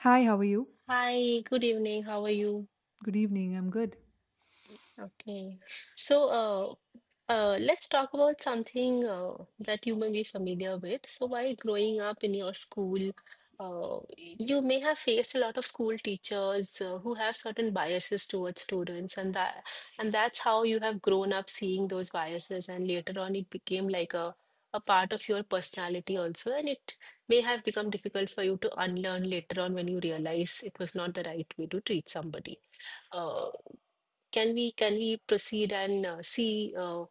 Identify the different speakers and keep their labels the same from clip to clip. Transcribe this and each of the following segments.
Speaker 1: Hi, how are you?
Speaker 2: Hi, good evening. How are you?
Speaker 1: Good evening. I'm good.
Speaker 2: Okay. So, let's talk about something that you may be familiar with. So, while growing up in your school, you may have faced a lot of school teachers who have certain biases towards students, and that's how you have grown up seeing those biases, and later on it became like a part of your personality also, and it may have become difficult for you to unlearn later on when you realize it was not the right way to treat somebody. uh, can we proceed and see uh,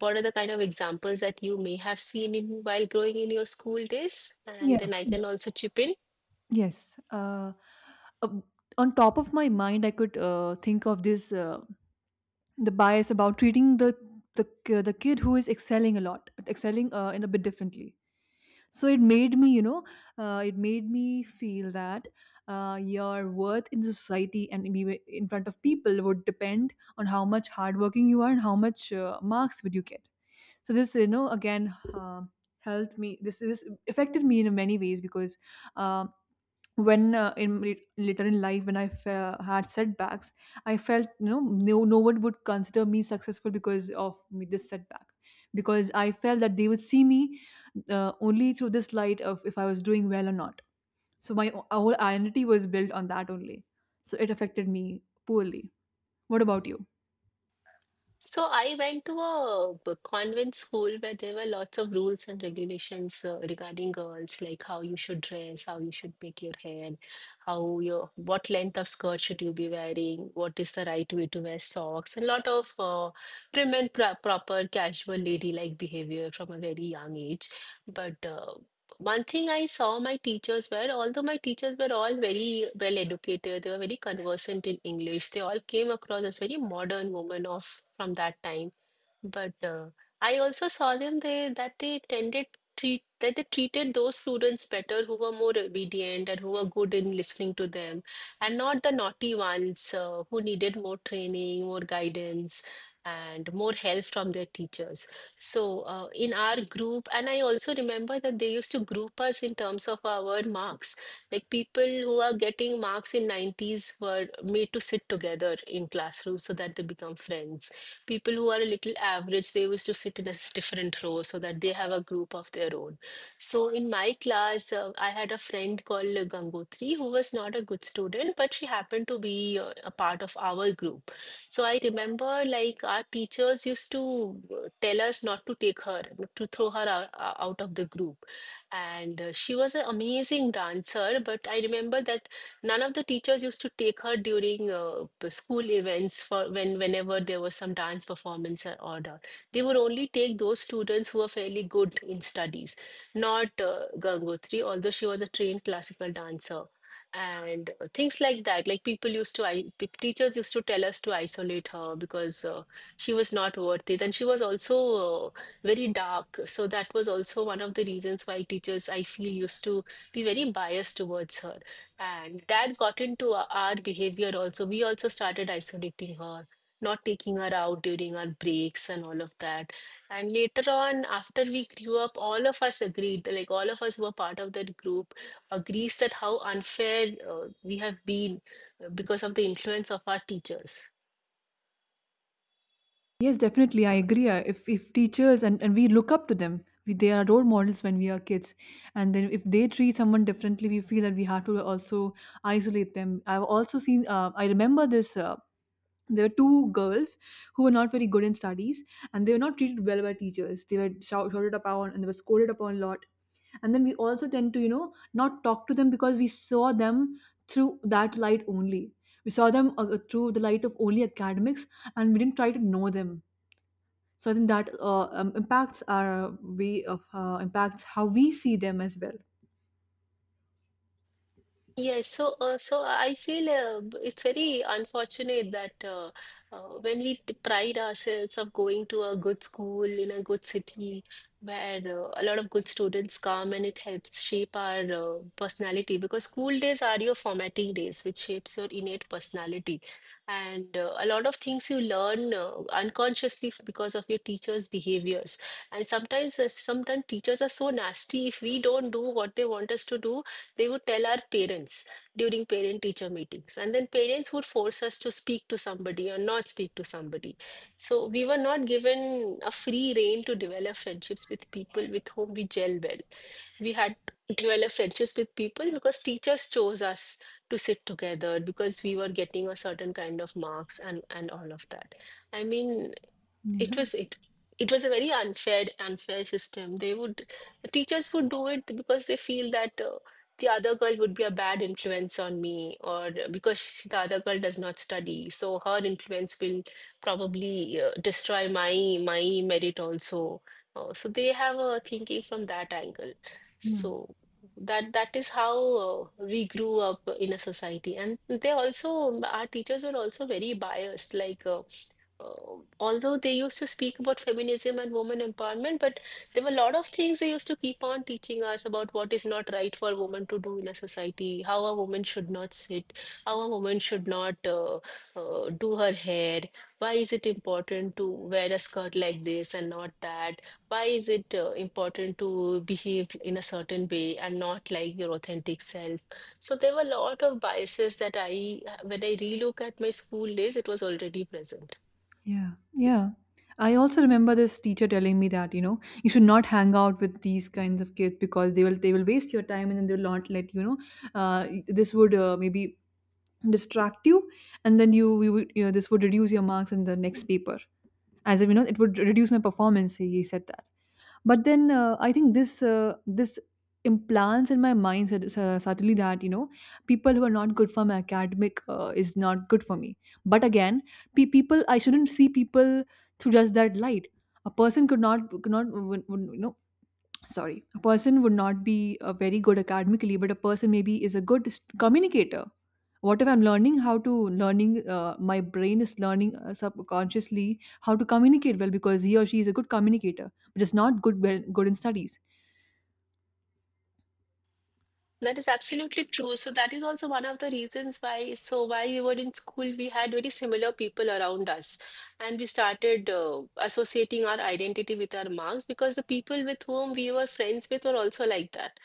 Speaker 2: what are the kind of examples that you may have seen in while growing in your school days? And
Speaker 1: Yeah,
Speaker 2: then I
Speaker 1: yeah.
Speaker 2: can also chip in.
Speaker 1: Yes. Uh, on top of my mind, I could think of this, the bias about treating the kid who is excelling a lot, excelling in a bit differently. So it made me feel that your worth in the society, and maybe in front of people, would depend on how much hardworking you are and how much marks would you get. So this, again, helped me. This affected me in many ways because, uh, when, later in life, when I had setbacks, I felt, no one would consider me successful because of me, this setback, because I felt that they would see me only through this light of if I was doing well or not. So my whole identity was built on that only, so it affected me poorly. What about you?
Speaker 2: So I went to a convent school where there were lots of rules and regulations regarding girls, like how you should dress, how you should make your hair, how your what length of skirt should you be wearing, what is the right way to wear socks, and a lot of prim and proper casual ladylike behavior from a very young age. But One thing I saw my teachers were, although my teachers were all very well educated, they were very conversant in English. They all came across as very modern women of from that time. But I also saw them they that they tended treat that they treated those students better who were more obedient and who were good in listening to them, and not the naughty ones who needed more training, more guidance, and more help from their teachers. So in our group, and I also remember that they used to group us in terms of our marks. Like people who are getting marks in 90s were made to sit together in classrooms so that they become friends. People who are a little average, they used to sit in a different row so that they have a group of their own. So in my class, I had a friend called Gangotri who was not a good student, but she happened to be a part of our group. So I remember like our teachers used to tell us not to take her, to throw her out, out of the group. And she was an amazing dancer, but I remember that none of the teachers used to take her during school events for when whenever there was some dance performance or order. They would only take those students who were fairly good in studies, not Gangotri, although she was a trained classical dancer. And things like that, like people used to, I, pe- teachers used to tell us to isolate her because she was not worth it. And she was also uh, very dark. So that was also one of the reasons why teachers, I feel, used to be very biased towards her. And that got into our behavior also. We also started isolating her, not taking her out during our breaks and all of that. And later on, after we grew up, all of us agreed, like all of us who were part of that group, agrees that how unfair we have been, because of the influence of our teachers.
Speaker 1: Yes, definitely. I agree. If teachers, and we look up to them, they are role models when we are kids. And then if they treat someone differently, we feel that we have to also isolate them. I've also seen. I remember this. There were two girls who were not very good in studies, and they were not treated well by teachers. They were shouted upon, and they were scolded upon a lot. And then we also tend to, not talk to them because we saw them through that light only. We saw them through the light of only academics, and we didn't try to know them. So I think that impacts our way of, impacts how we see them as well.
Speaker 2: Yes, I feel, it's very unfortunate that, when we pride ourselves of going to a good school in a good city where a lot of good students come, and it helps shape our personality, because school days are your formatting days, which shapes your innate personality. And a lot of things you learn unconsciously because of your teachers' behaviors. And sometimes teachers are so nasty. If we don't do what they want us to do, they would tell our parents during parent teacher meetings, and then parents would force us to speak to somebody or not speak to somebody. So we were not given a free rein to develop friendships with people with whom we gel well. We had to develop friendships with people because teachers chose us to sit together because we were getting a certain kind of marks, and all of that. I mean, it
Speaker 1: Yeah,
Speaker 2: was it it was a very unfair system. They would, teachers would do it because they feel that, the other girl would be a bad influence on me, or because she, the other girl does not study, so her influence will probably destroy my merit also. So they have a thinking from that angle.
Speaker 1: yeah,
Speaker 2: So that is how we grew up in a society. And they also, our teachers were also very biased, like, although they used to speak about feminism and women empowerment, but there were a lot of things they used to keep on teaching us about what is not right for a woman to do in a society, how a woman should not sit, how a woman should not, do her hair, why is it important to wear a skirt like this and not that, why is it important to behave in a certain way and not like your authentic self. So there were a lot of biases that I, when I relook at my school days, it was already present.
Speaker 1: yeah, yeah. I also remember this teacher telling me that, you should not hang out with these kinds of kids because they will waste your time, and then they'll not let you know. This would, maybe distract you, and then you would you know, this would reduce your marks in the next paper. As if, it would reduce my performance, he said. But then, I think this implants in my mind subtly that, people who are not good for my academic is not good for me. But again, people, I shouldn't see people through just that light. A person could not would, would, you know sorry, a person would not be very good academically, but a person maybe is a good communicator. What if I'm learning how to, learning my brain is learning subconsciously how to communicate well because he or she is a good communicator but is not good in studies.
Speaker 2: That is absolutely true. So that is also one of the reasons why. So while we were in school, we had very similar people around us, and we started associating our identity with our marks, because the people with whom we were friends with were also like that.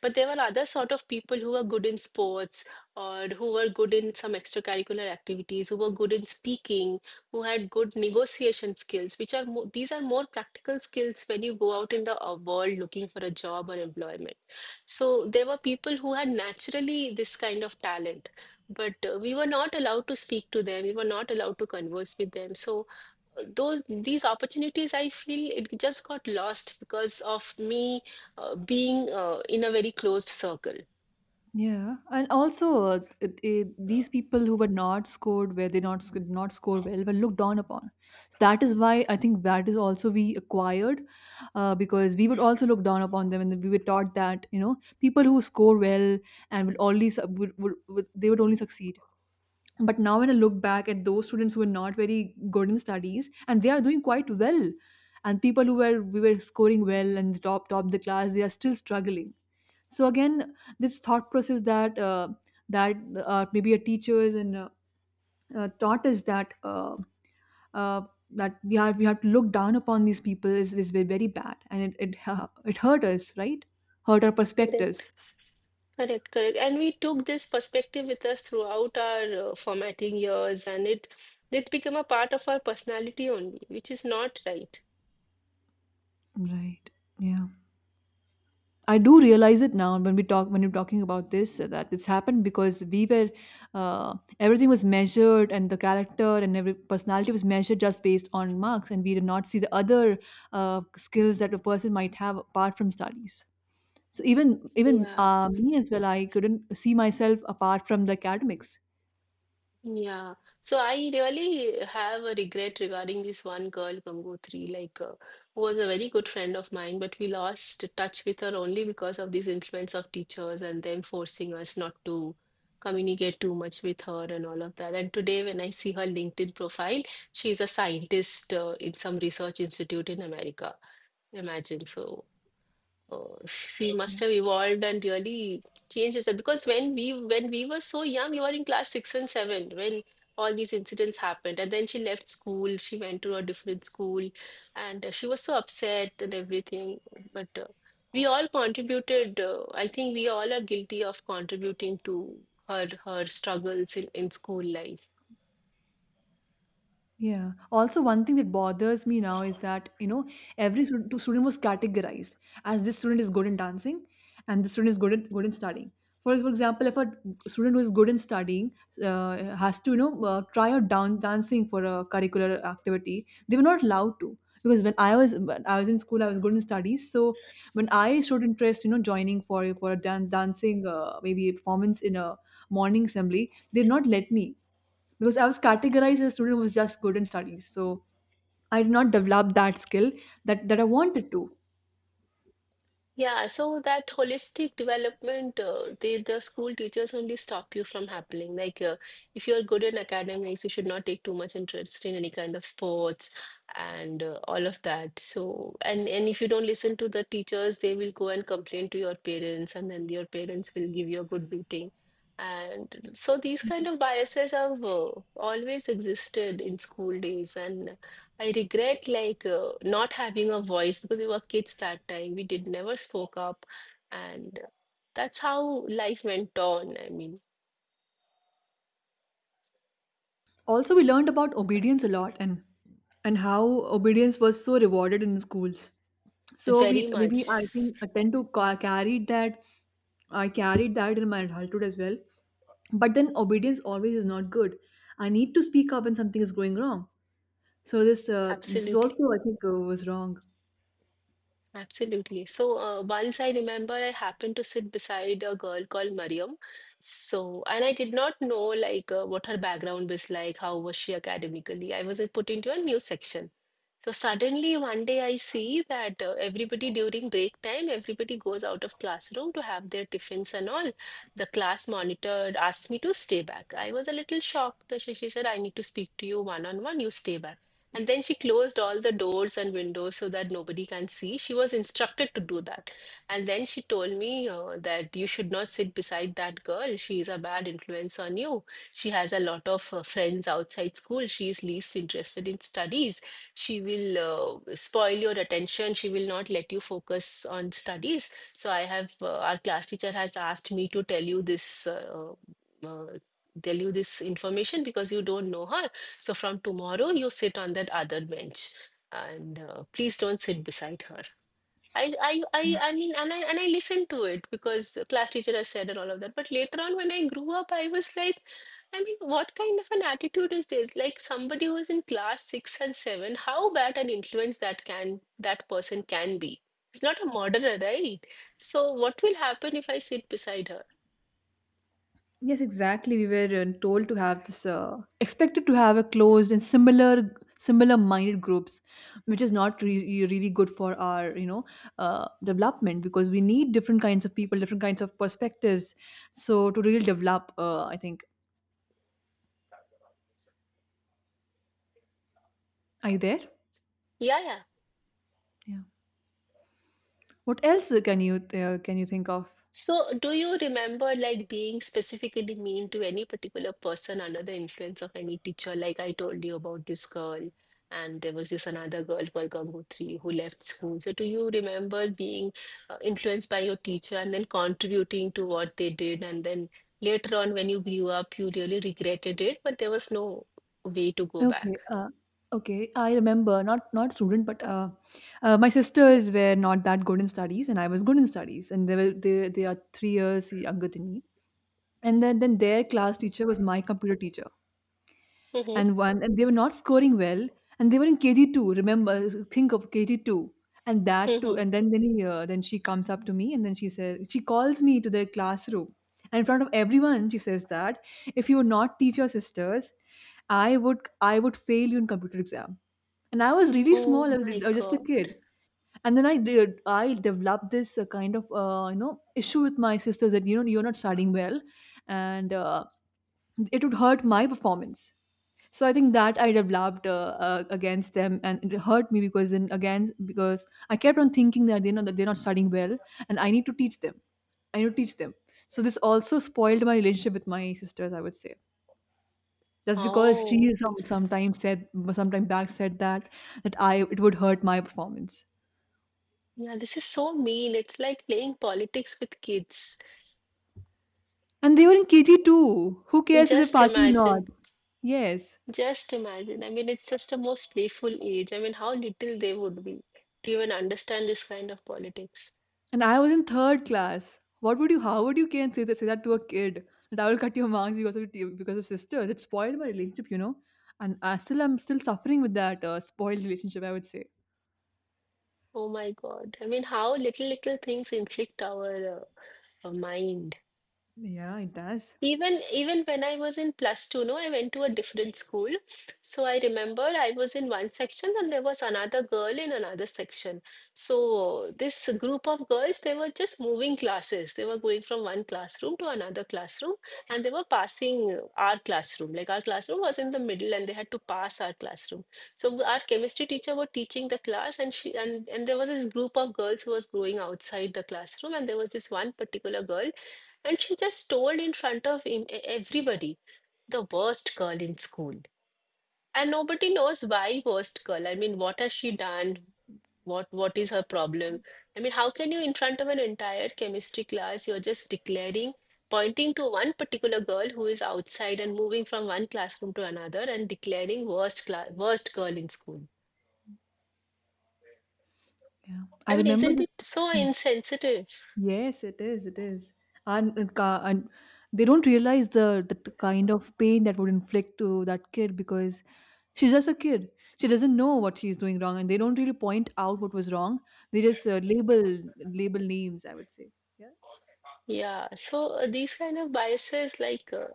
Speaker 2: But there were other sort of people who were good in sports, or who were good in some extracurricular activities, who were good in speaking, who had good negotiation skills, which are mo, these are more practical skills when you go out in the world looking for a job or employment. So there were people who had naturally this kind of talent, but we were not allowed to speak to them. We were not allowed to converse with them. So those, these opportunities, I feel it just got lost because of me being in a very closed circle.
Speaker 1: Yeah, and also these people who were not scored, where they not sc- not score well, were looked down upon. So that is why, I think, that is also we acquired, because we would also look down upon them. And then we were taught that, people who score well and would only su- would they would only succeed. But now when I look back at those students who were not very good in studies, and they are doing quite well, and people who were, we were scoring well and top the class, they are still struggling. So again, this thought process that, that maybe our teachers, and taught us that, uh, that we have to look down upon these people is very, very bad, and it hurt us, right? Hurt our
Speaker 2: Correct,
Speaker 1: perspectives.
Speaker 2: correct, correct. And we took this perspective with us throughout our formatting years, and it became a part of our personality only, which is not right.
Speaker 1: Right. Yeah, I do realize it now when you're talking about this, that it's happened because we were, uh, everything was measured, and the character and every personality was measured just based on marks, and we did not see the other skills that a person might have apart from studies. So even
Speaker 2: Yeah.
Speaker 1: me as well, I couldn't see myself apart from the academics.
Speaker 2: Yeah, so I really have a regret regarding this one girl, Congo 3, like, who was a very good friend of mine, but we lost touch with her only because of these influence of teachers and them forcing us not to communicate too much with her and all of that. And today, when I see her LinkedIn profile, she's a scientist in some research institute in America. Imagine so. Oh, she must have evolved and really changed herself. Because when we were so young, you were in class six and seven when all these incidents happened, and then she left school. She went to a different school, and she was so upset and everything. But we all contributed. I think we all are guilty of contributing to her struggles in school life.
Speaker 1: Yeah. Also, one thing that bothers me now is that, two student was categorized as this student is good in dancing, and this student is good in, good in studying. For example, if a student who is good in studying has to, try out down dancing for a curricular activity, they were not allowed to. Because when I was in school, I was good in studies. So when I showed interest, joining for a dancing, maybe a performance in a morning assembly, they did not let me because I was categorized as a student who was just good in studies. So I did not develop that skill that I wanted to.
Speaker 2: Yeah, so that holistic development, they, the school teachers only stop you from happening. Like, if you're good in academics, you should not take too much interest in any kind of sports and all of that. So, and if you don't listen to the teachers, they will go and complain to your parents, and then your parents will give you a good beating. And so these kind of biases have always existed in school days, and I regret like not having a voice because we were kids that time. We did never spoke up, and that's how life went on. I mean,
Speaker 1: Also, we learned about obedience a lot, and how obedience was so rewarded in the schools. So we,
Speaker 2: very
Speaker 1: maybe I
Speaker 2: much,
Speaker 1: think I tend to carry that. I carried that in my adulthood as well. But then obedience always is not good. I need to speak up when something is going wrong. So this was
Speaker 2: absolutely,
Speaker 1: also, I think, was wrong.
Speaker 2: absolutely. So once I remember, I happened to sit beside a girl called Mariam. So, and I did not know like what her background was like, how was she academically. I was put into a new section. So suddenly one day I see that everybody during break time, everybody goes out of classroom to have their tiffins and all. The class monitor asked me to stay back. I was a little shocked. That she said, I need to speak to you one on one, you stay back. And then she closed all the doors and windows so that nobody can see. She was instructed to do that. And then she told me that you should not sit beside that girl. She is a bad influence on you. She has a lot of friends outside school. She is least interested in studies. She will spoil your attention. She will not let you focus on studies. So I have our class teacher has asked me to uh, tell you this information because you don't know her. So from tomorrow you sit on that other bench, and please don't sit beside her. I mean and I listened to it because class teacher has said and all of that, but later on when I grew up I was like, I mean, what kind of an attitude is this? Like somebody who is in class six and seven, how bad an influence that person can be. It's not a murderer, right? So what will happen if I sit beside her?
Speaker 1: Yes, exactly. We were, told to have this, expected to have a closed and similar, similar-minded groups, which is not really good for our, development, because we need different kinds of people, different kinds of perspectives. So to really develop, I think, are you there?
Speaker 2: Yeah, yeah.
Speaker 1: Yeah. What else, can you think of?
Speaker 2: So, do you remember like being specifically mean to any particular person under the influence of any teacher? Like I told you about this girl, and there was this another girl called Gangotri who left school. So, do you remember being influenced by your teacher and then contributing to what they did? And then later on, when you grew up, you really regretted it, but there was no way to go back.
Speaker 1: Okay. Okay. I remember not student, but, my sisters were not that good in studies, and I was good in studies, and they were they are 3 years younger than me. And then their class teacher was my computer teacher.
Speaker 2: Hmm.
Speaker 1: And one, and they were not scoring well, and they were in KG2, remember? Think of KG2. And that
Speaker 2: Hmm.
Speaker 1: too. And then she comes up to me, and then she says, she calls me to their classroom. And in front of everyone, she says that, if you would not teach your sisters, I would fail you in computer exam. And I was really
Speaker 2: Oh
Speaker 1: small.
Speaker 2: my
Speaker 1: I was just a
Speaker 2: God.
Speaker 1: kid. And then I developed this, kind of, issue with my sisters, that, you're not studying well, and it would hurt my performance. So I think that I developed, against them, and it hurt me because, then again, because I kept on thinking that they know that they're not studying well, and I need to teach them. I need to teach them. So this also spoiled my relationship with my sisters, I would say, just because
Speaker 2: Oh,
Speaker 1: she some sometimes said sometime back said that, that I, it would hurt my performance.
Speaker 2: yeah, this is so mean. It's like playing politics with kids.
Speaker 1: And they were in KG too. Who cares if they're
Speaker 2: Just
Speaker 1: passing or not?
Speaker 2: imagine,
Speaker 1: Yes.
Speaker 2: just imagine. I mean, it's just a most playful age. I mean, how little they would be to even understand this kind of politics.
Speaker 1: And I was in third class. What would you? How would you can say that? Say that to a kid, that I will cut your marks because of sisters. It spoiled my relationship, you know. And I'm still suffering with that, spoiled relationship, I would say.
Speaker 2: Oh my God. I mean, how little, little things inflict our mind.
Speaker 1: Yeah, it does.
Speaker 2: Even even when I was in plus two, no, I went to a different school. So I remember I was in one section and there was another girl in another section. So this group of girls, they were just moving classes. They were going from one classroom to another classroom, and they were passing our classroom. Like our classroom was in the middle and they had to pass our classroom. So our chemistry teacher was teaching the class, and there was this group of girls who was going outside the classroom, and there was this one particular girl, and she just told in front of him, everybody, the worst girl in school. And nobody knows why worst girl. I mean, what has she done? What is her problem? I mean, how can you, in front of an entire chemistry class, you're just declaring, pointing to one particular girl who is outside and moving from one classroom to another, and declaring worst class, worst girl in school.
Speaker 1: Yeah,
Speaker 2: I
Speaker 1: I
Speaker 2: mean,
Speaker 1: remember
Speaker 2: isn't
Speaker 1: this.
Speaker 2: it so
Speaker 1: Hmm.
Speaker 2: insensitive?
Speaker 1: Yes, it is. It is, and they don't realize the kind of pain that would inflict to that kid because she's just a kid. She doesn't know what she's doing wrong, and they don't really point out what was wrong. They just label names, I would say. Yeah.
Speaker 2: Yeah. So these kind of biases, like,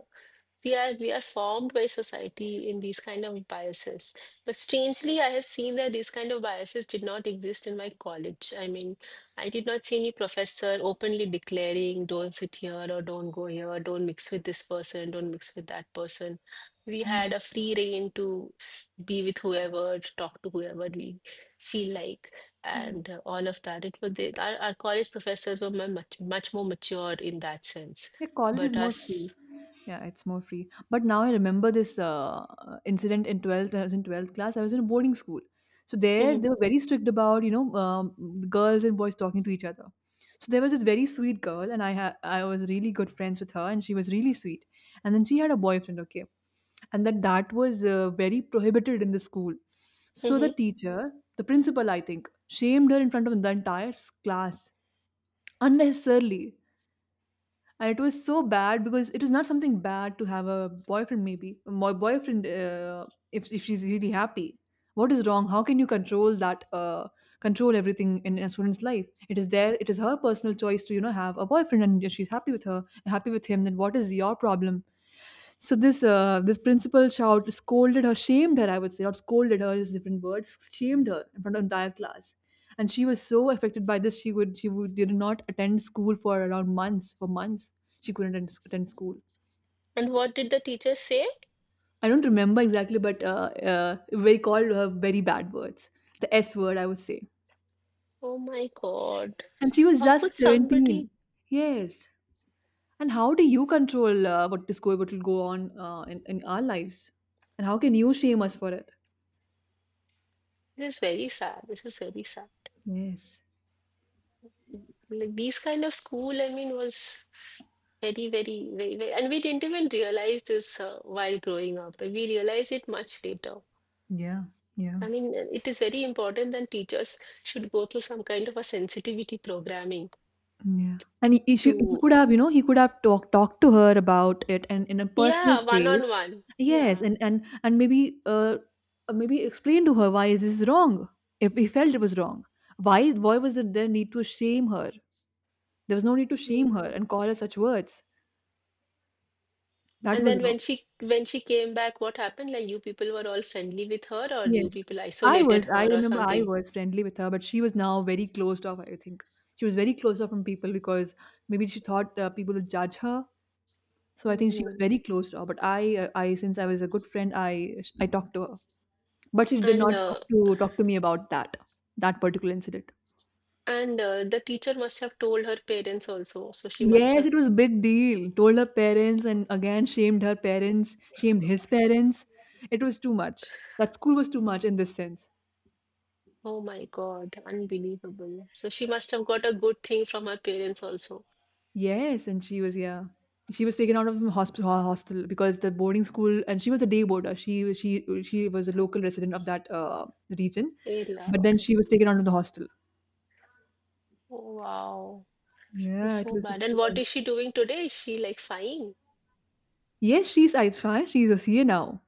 Speaker 2: we are formed by society in these kind of biases, but strangely I have seen that these kind of biases did not exist in my college. I mean, I did not see any professor openly declaring don't sit here or don't go here, don't mix with this person, don't mix with that person. We had a free reign to be with whoever, to talk to whoever we feel like.
Speaker 1: Mm.
Speaker 2: And all of that, it was our college professors were much much more mature in that sense,
Speaker 1: Yeah, college
Speaker 2: but
Speaker 1: is more free.
Speaker 2: us
Speaker 1: Yeah, it's more free. But now I remember this, incident in 12th. I was in 12th class. I was in a boarding school. So there, they
Speaker 2: Mhm,
Speaker 1: were very strict about, girls and boys talking to each other. So there was this very sweet girl, and I was really good friends with her, and she was really sweet. And then she had a boyfriend, okay, and that was very prohibited in the school. So the
Speaker 2: mhm.
Speaker 1: teacher, the principal, I think, shamed her in front of the entire class unnecessarily. And it was so bad because it is not something bad to have a boyfriend, maybe my boyfriend. If she's really happy, what is wrong? How can you control that, control everything in a student's life? It is there. It is her personal choice to, have a boyfriend. And if she's happy with her, happy with him, then what is your problem? So this principal shout scolded her, shamed her. I would say not scolded her is different words. Shamed her in front of entire class, and she was so affected by this. She would did not attend school for around months for months she couldn't attend school.
Speaker 2: And what did the teacher say?
Speaker 1: I don't remember exactly, but we called her very bad words, the S word, I would say.
Speaker 2: Oh my God.
Speaker 1: And she was
Speaker 2: How
Speaker 1: just
Speaker 2: could somebody?
Speaker 1: 17. Yes. And how do you control what is going, what will go on in our lives? And how can you shame us for it?
Speaker 2: This is very sad. This is very sad.
Speaker 1: Yes.
Speaker 2: Like these kind of school, I mean, was very, very, very, very, and we didn't even realize this while growing up. We realized it much later.
Speaker 1: Yeah, yeah.
Speaker 2: I mean, it is very important that teachers should go through some kind of a sensitivity programming
Speaker 1: Yeah. And he
Speaker 2: to,
Speaker 1: could have, you know, he could have talked to her about it and in a personal
Speaker 2: yeah, one
Speaker 1: space.
Speaker 2: on one.
Speaker 1: Yes,
Speaker 2: Yeah.
Speaker 1: and maybe maybe explain to her why is this wrong if he felt it was wrong. Why was it there need to shame her? There was no need to shame her
Speaker 2: Mm.
Speaker 1: and call her such words. That
Speaker 2: And
Speaker 1: was
Speaker 2: then
Speaker 1: wrong.
Speaker 2: when she came back, what happened? Like you people were all friendly with her, or you
Speaker 1: Yes.
Speaker 2: people isolated
Speaker 1: I
Speaker 2: her, or
Speaker 1: remember I
Speaker 2: something.
Speaker 1: was friendly with her, but she was now very closed off, I think. She was very closed off from people because maybe she thought people would judge her. So I think she was
Speaker 2: Mm.
Speaker 1: very close to her. But I since I was a good friend, I talked to her. But she did
Speaker 2: And
Speaker 1: not
Speaker 2: uh,
Speaker 1: talk to me about that particular incident.
Speaker 2: and the teacher must have told her parents also. So she must
Speaker 1: Yes, it
Speaker 2: have.
Speaker 1: was a big deal. Told her parents and again shamed her parents, shamed his parents. It was too much. That school was too much in this sense.
Speaker 2: Oh my God, unbelievable. So she must have got a good thing from her parents also.
Speaker 1: Yes, and she was, yeah. She was taken out of hospital hostel because the boarding school, and she was a day boarder. She was a local resident of that region,
Speaker 2: Yeah,
Speaker 1: but then
Speaker 2: okay.
Speaker 1: she was taken out of the hostel.
Speaker 2: Oh, wow. It's
Speaker 1: Yeah, it
Speaker 2: so
Speaker 1: was
Speaker 2: bad.
Speaker 1: just
Speaker 2: And
Speaker 1: too.
Speaker 2: what is she doing today? Is she like fine?
Speaker 1: Yes, she's it's fine. She's a C A now.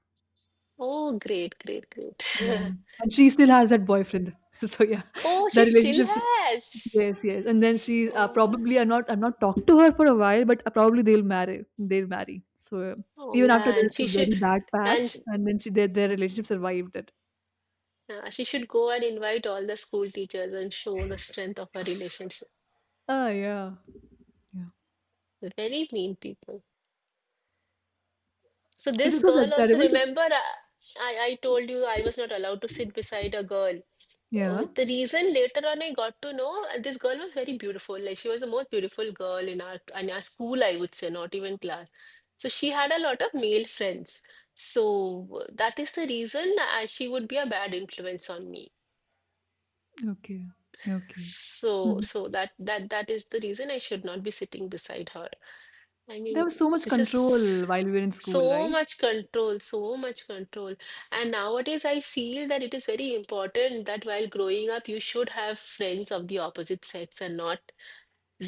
Speaker 2: Oh, great, great, great.
Speaker 1: Yeah. And she still has that boyfriend. So yeah,
Speaker 2: Oh, she
Speaker 1: that
Speaker 2: still
Speaker 1: relationship.
Speaker 2: has.
Speaker 1: Yes, yes. And then she's
Speaker 2: Oh.
Speaker 1: probably I'm not talked to her for a while, but probably they'll marry. They'll marry. So
Speaker 2: Oh,
Speaker 1: even
Speaker 2: yeah,
Speaker 1: after there's a very bad
Speaker 2: and
Speaker 1: patch, and then she their relationship survived it.
Speaker 2: she should go and invite all the school teachers and show the strength of her relationship.
Speaker 1: Ah, yeah, yeah.
Speaker 2: Very mean people. So
Speaker 1: It
Speaker 2: this
Speaker 1: is so
Speaker 2: girl also,
Speaker 1: terrible. To,
Speaker 2: remember, I told you I was not allowed to sit beside a girl.
Speaker 1: yeah.
Speaker 2: The reason later on I got to know, this girl was very beautiful. Like she was the most beautiful girl in our school, I would say, not even class. So she had a lot of male friends. So that is the reason she would be a bad influence on me.
Speaker 1: Okay. Okay.
Speaker 2: So,
Speaker 1: Mhm.
Speaker 2: so that is the reason I should not be sitting beside her. I
Speaker 1: There
Speaker 2: mean,
Speaker 1: was so much
Speaker 2: this is
Speaker 1: control while we were in school,
Speaker 2: so
Speaker 1: right?
Speaker 2: much control, so much control. And nowadays, I feel that it is very important that while growing up, you should have friends of the opposite sex and not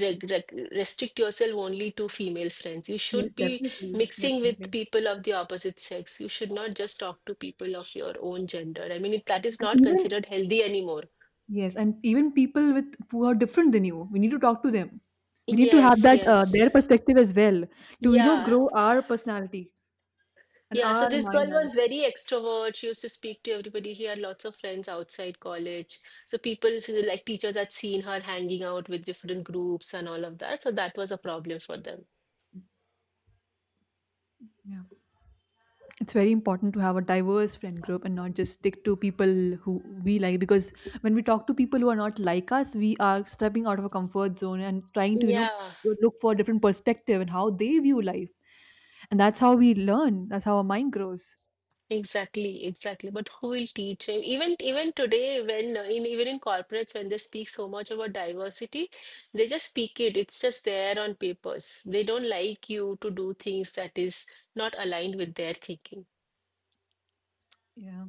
Speaker 2: reg reg restrict yourself only to female friends. You
Speaker 1: Yes,
Speaker 2: should be
Speaker 1: definitely,
Speaker 2: mixing with
Speaker 1: definitely.
Speaker 2: people of the opposite sex. You should not just talk to people of your own gender. I mean, it, that is
Speaker 1: And
Speaker 2: not
Speaker 1: even,
Speaker 2: considered healthy anymore.
Speaker 1: yes, and even people with who are different than you, we need to talk to them. We need to have
Speaker 2: Yes,
Speaker 1: that
Speaker 2: yes.
Speaker 1: their perspective as well to you know
Speaker 2: Yeah.
Speaker 1: grow our personality and
Speaker 2: Yeah, so
Speaker 1: our
Speaker 2: this girl
Speaker 1: mind, I would
Speaker 2: was
Speaker 1: say.
Speaker 2: very extrovert. She used to speak to everybody. She had lots of friends outside college. So people, so like teachers had seen her hanging out with different groups and all of that. So that was a problem for them.
Speaker 1: Yeah, it's very important to have a diverse friend group and not just stick to people who we like. Because when we talk to people who are not like us, we are stepping out of a comfort zone and trying to
Speaker 2: Yeah,
Speaker 1: look for a different perspective and how they view life. And that's how we learn. That's how our mind grows.
Speaker 2: exactly, exactly. But who will teach him? Even even today, when in even in corporates, when they speak so much about diversity, they just speak it. It's just there on papers. They don't like you to do things that is not aligned with their thinking.
Speaker 1: Yeah.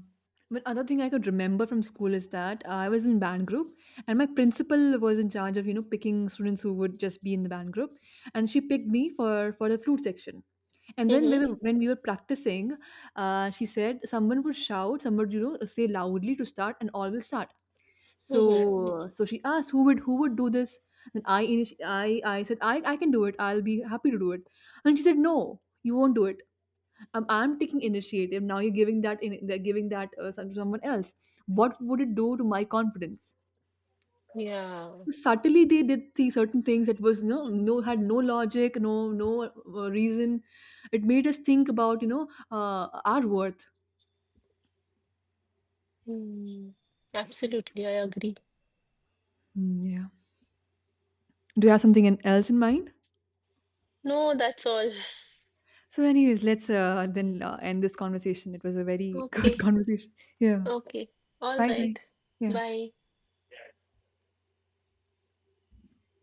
Speaker 1: But other thing I could remember from school is that I was in band group and my principal was in charge of, you know, picking students who would just be in the band group. And she picked me for the flute section. And then
Speaker 2: Mm-hmm.
Speaker 1: when we were practicing, she said someone would shout, someone would, you know, say loudly to start and all will start.
Speaker 2: Mm-hmm.
Speaker 1: So she asked who would do this? Then I said I can do it. I'll be happy to do it. And she said no, you won't do it I'm taking initiative. Now you're giving that in, they're giving that someone else. What would it do to my confidence?
Speaker 2: Yeah.
Speaker 1: Subtly, they did the certain things that was had no logic, no no reason. It made us think about our worth.
Speaker 2: Hmm. Absolutely, I agree.
Speaker 1: Mm, yeah. Do you have something else in mind?
Speaker 2: No, that's all.
Speaker 1: So, anyways, let's then end this conversation. It was a very good
Speaker 2: Okay,
Speaker 1: conversation. Yeah.
Speaker 2: okay, all
Speaker 1: Bye bye.
Speaker 2: right.
Speaker 1: Yeah.
Speaker 2: Bye.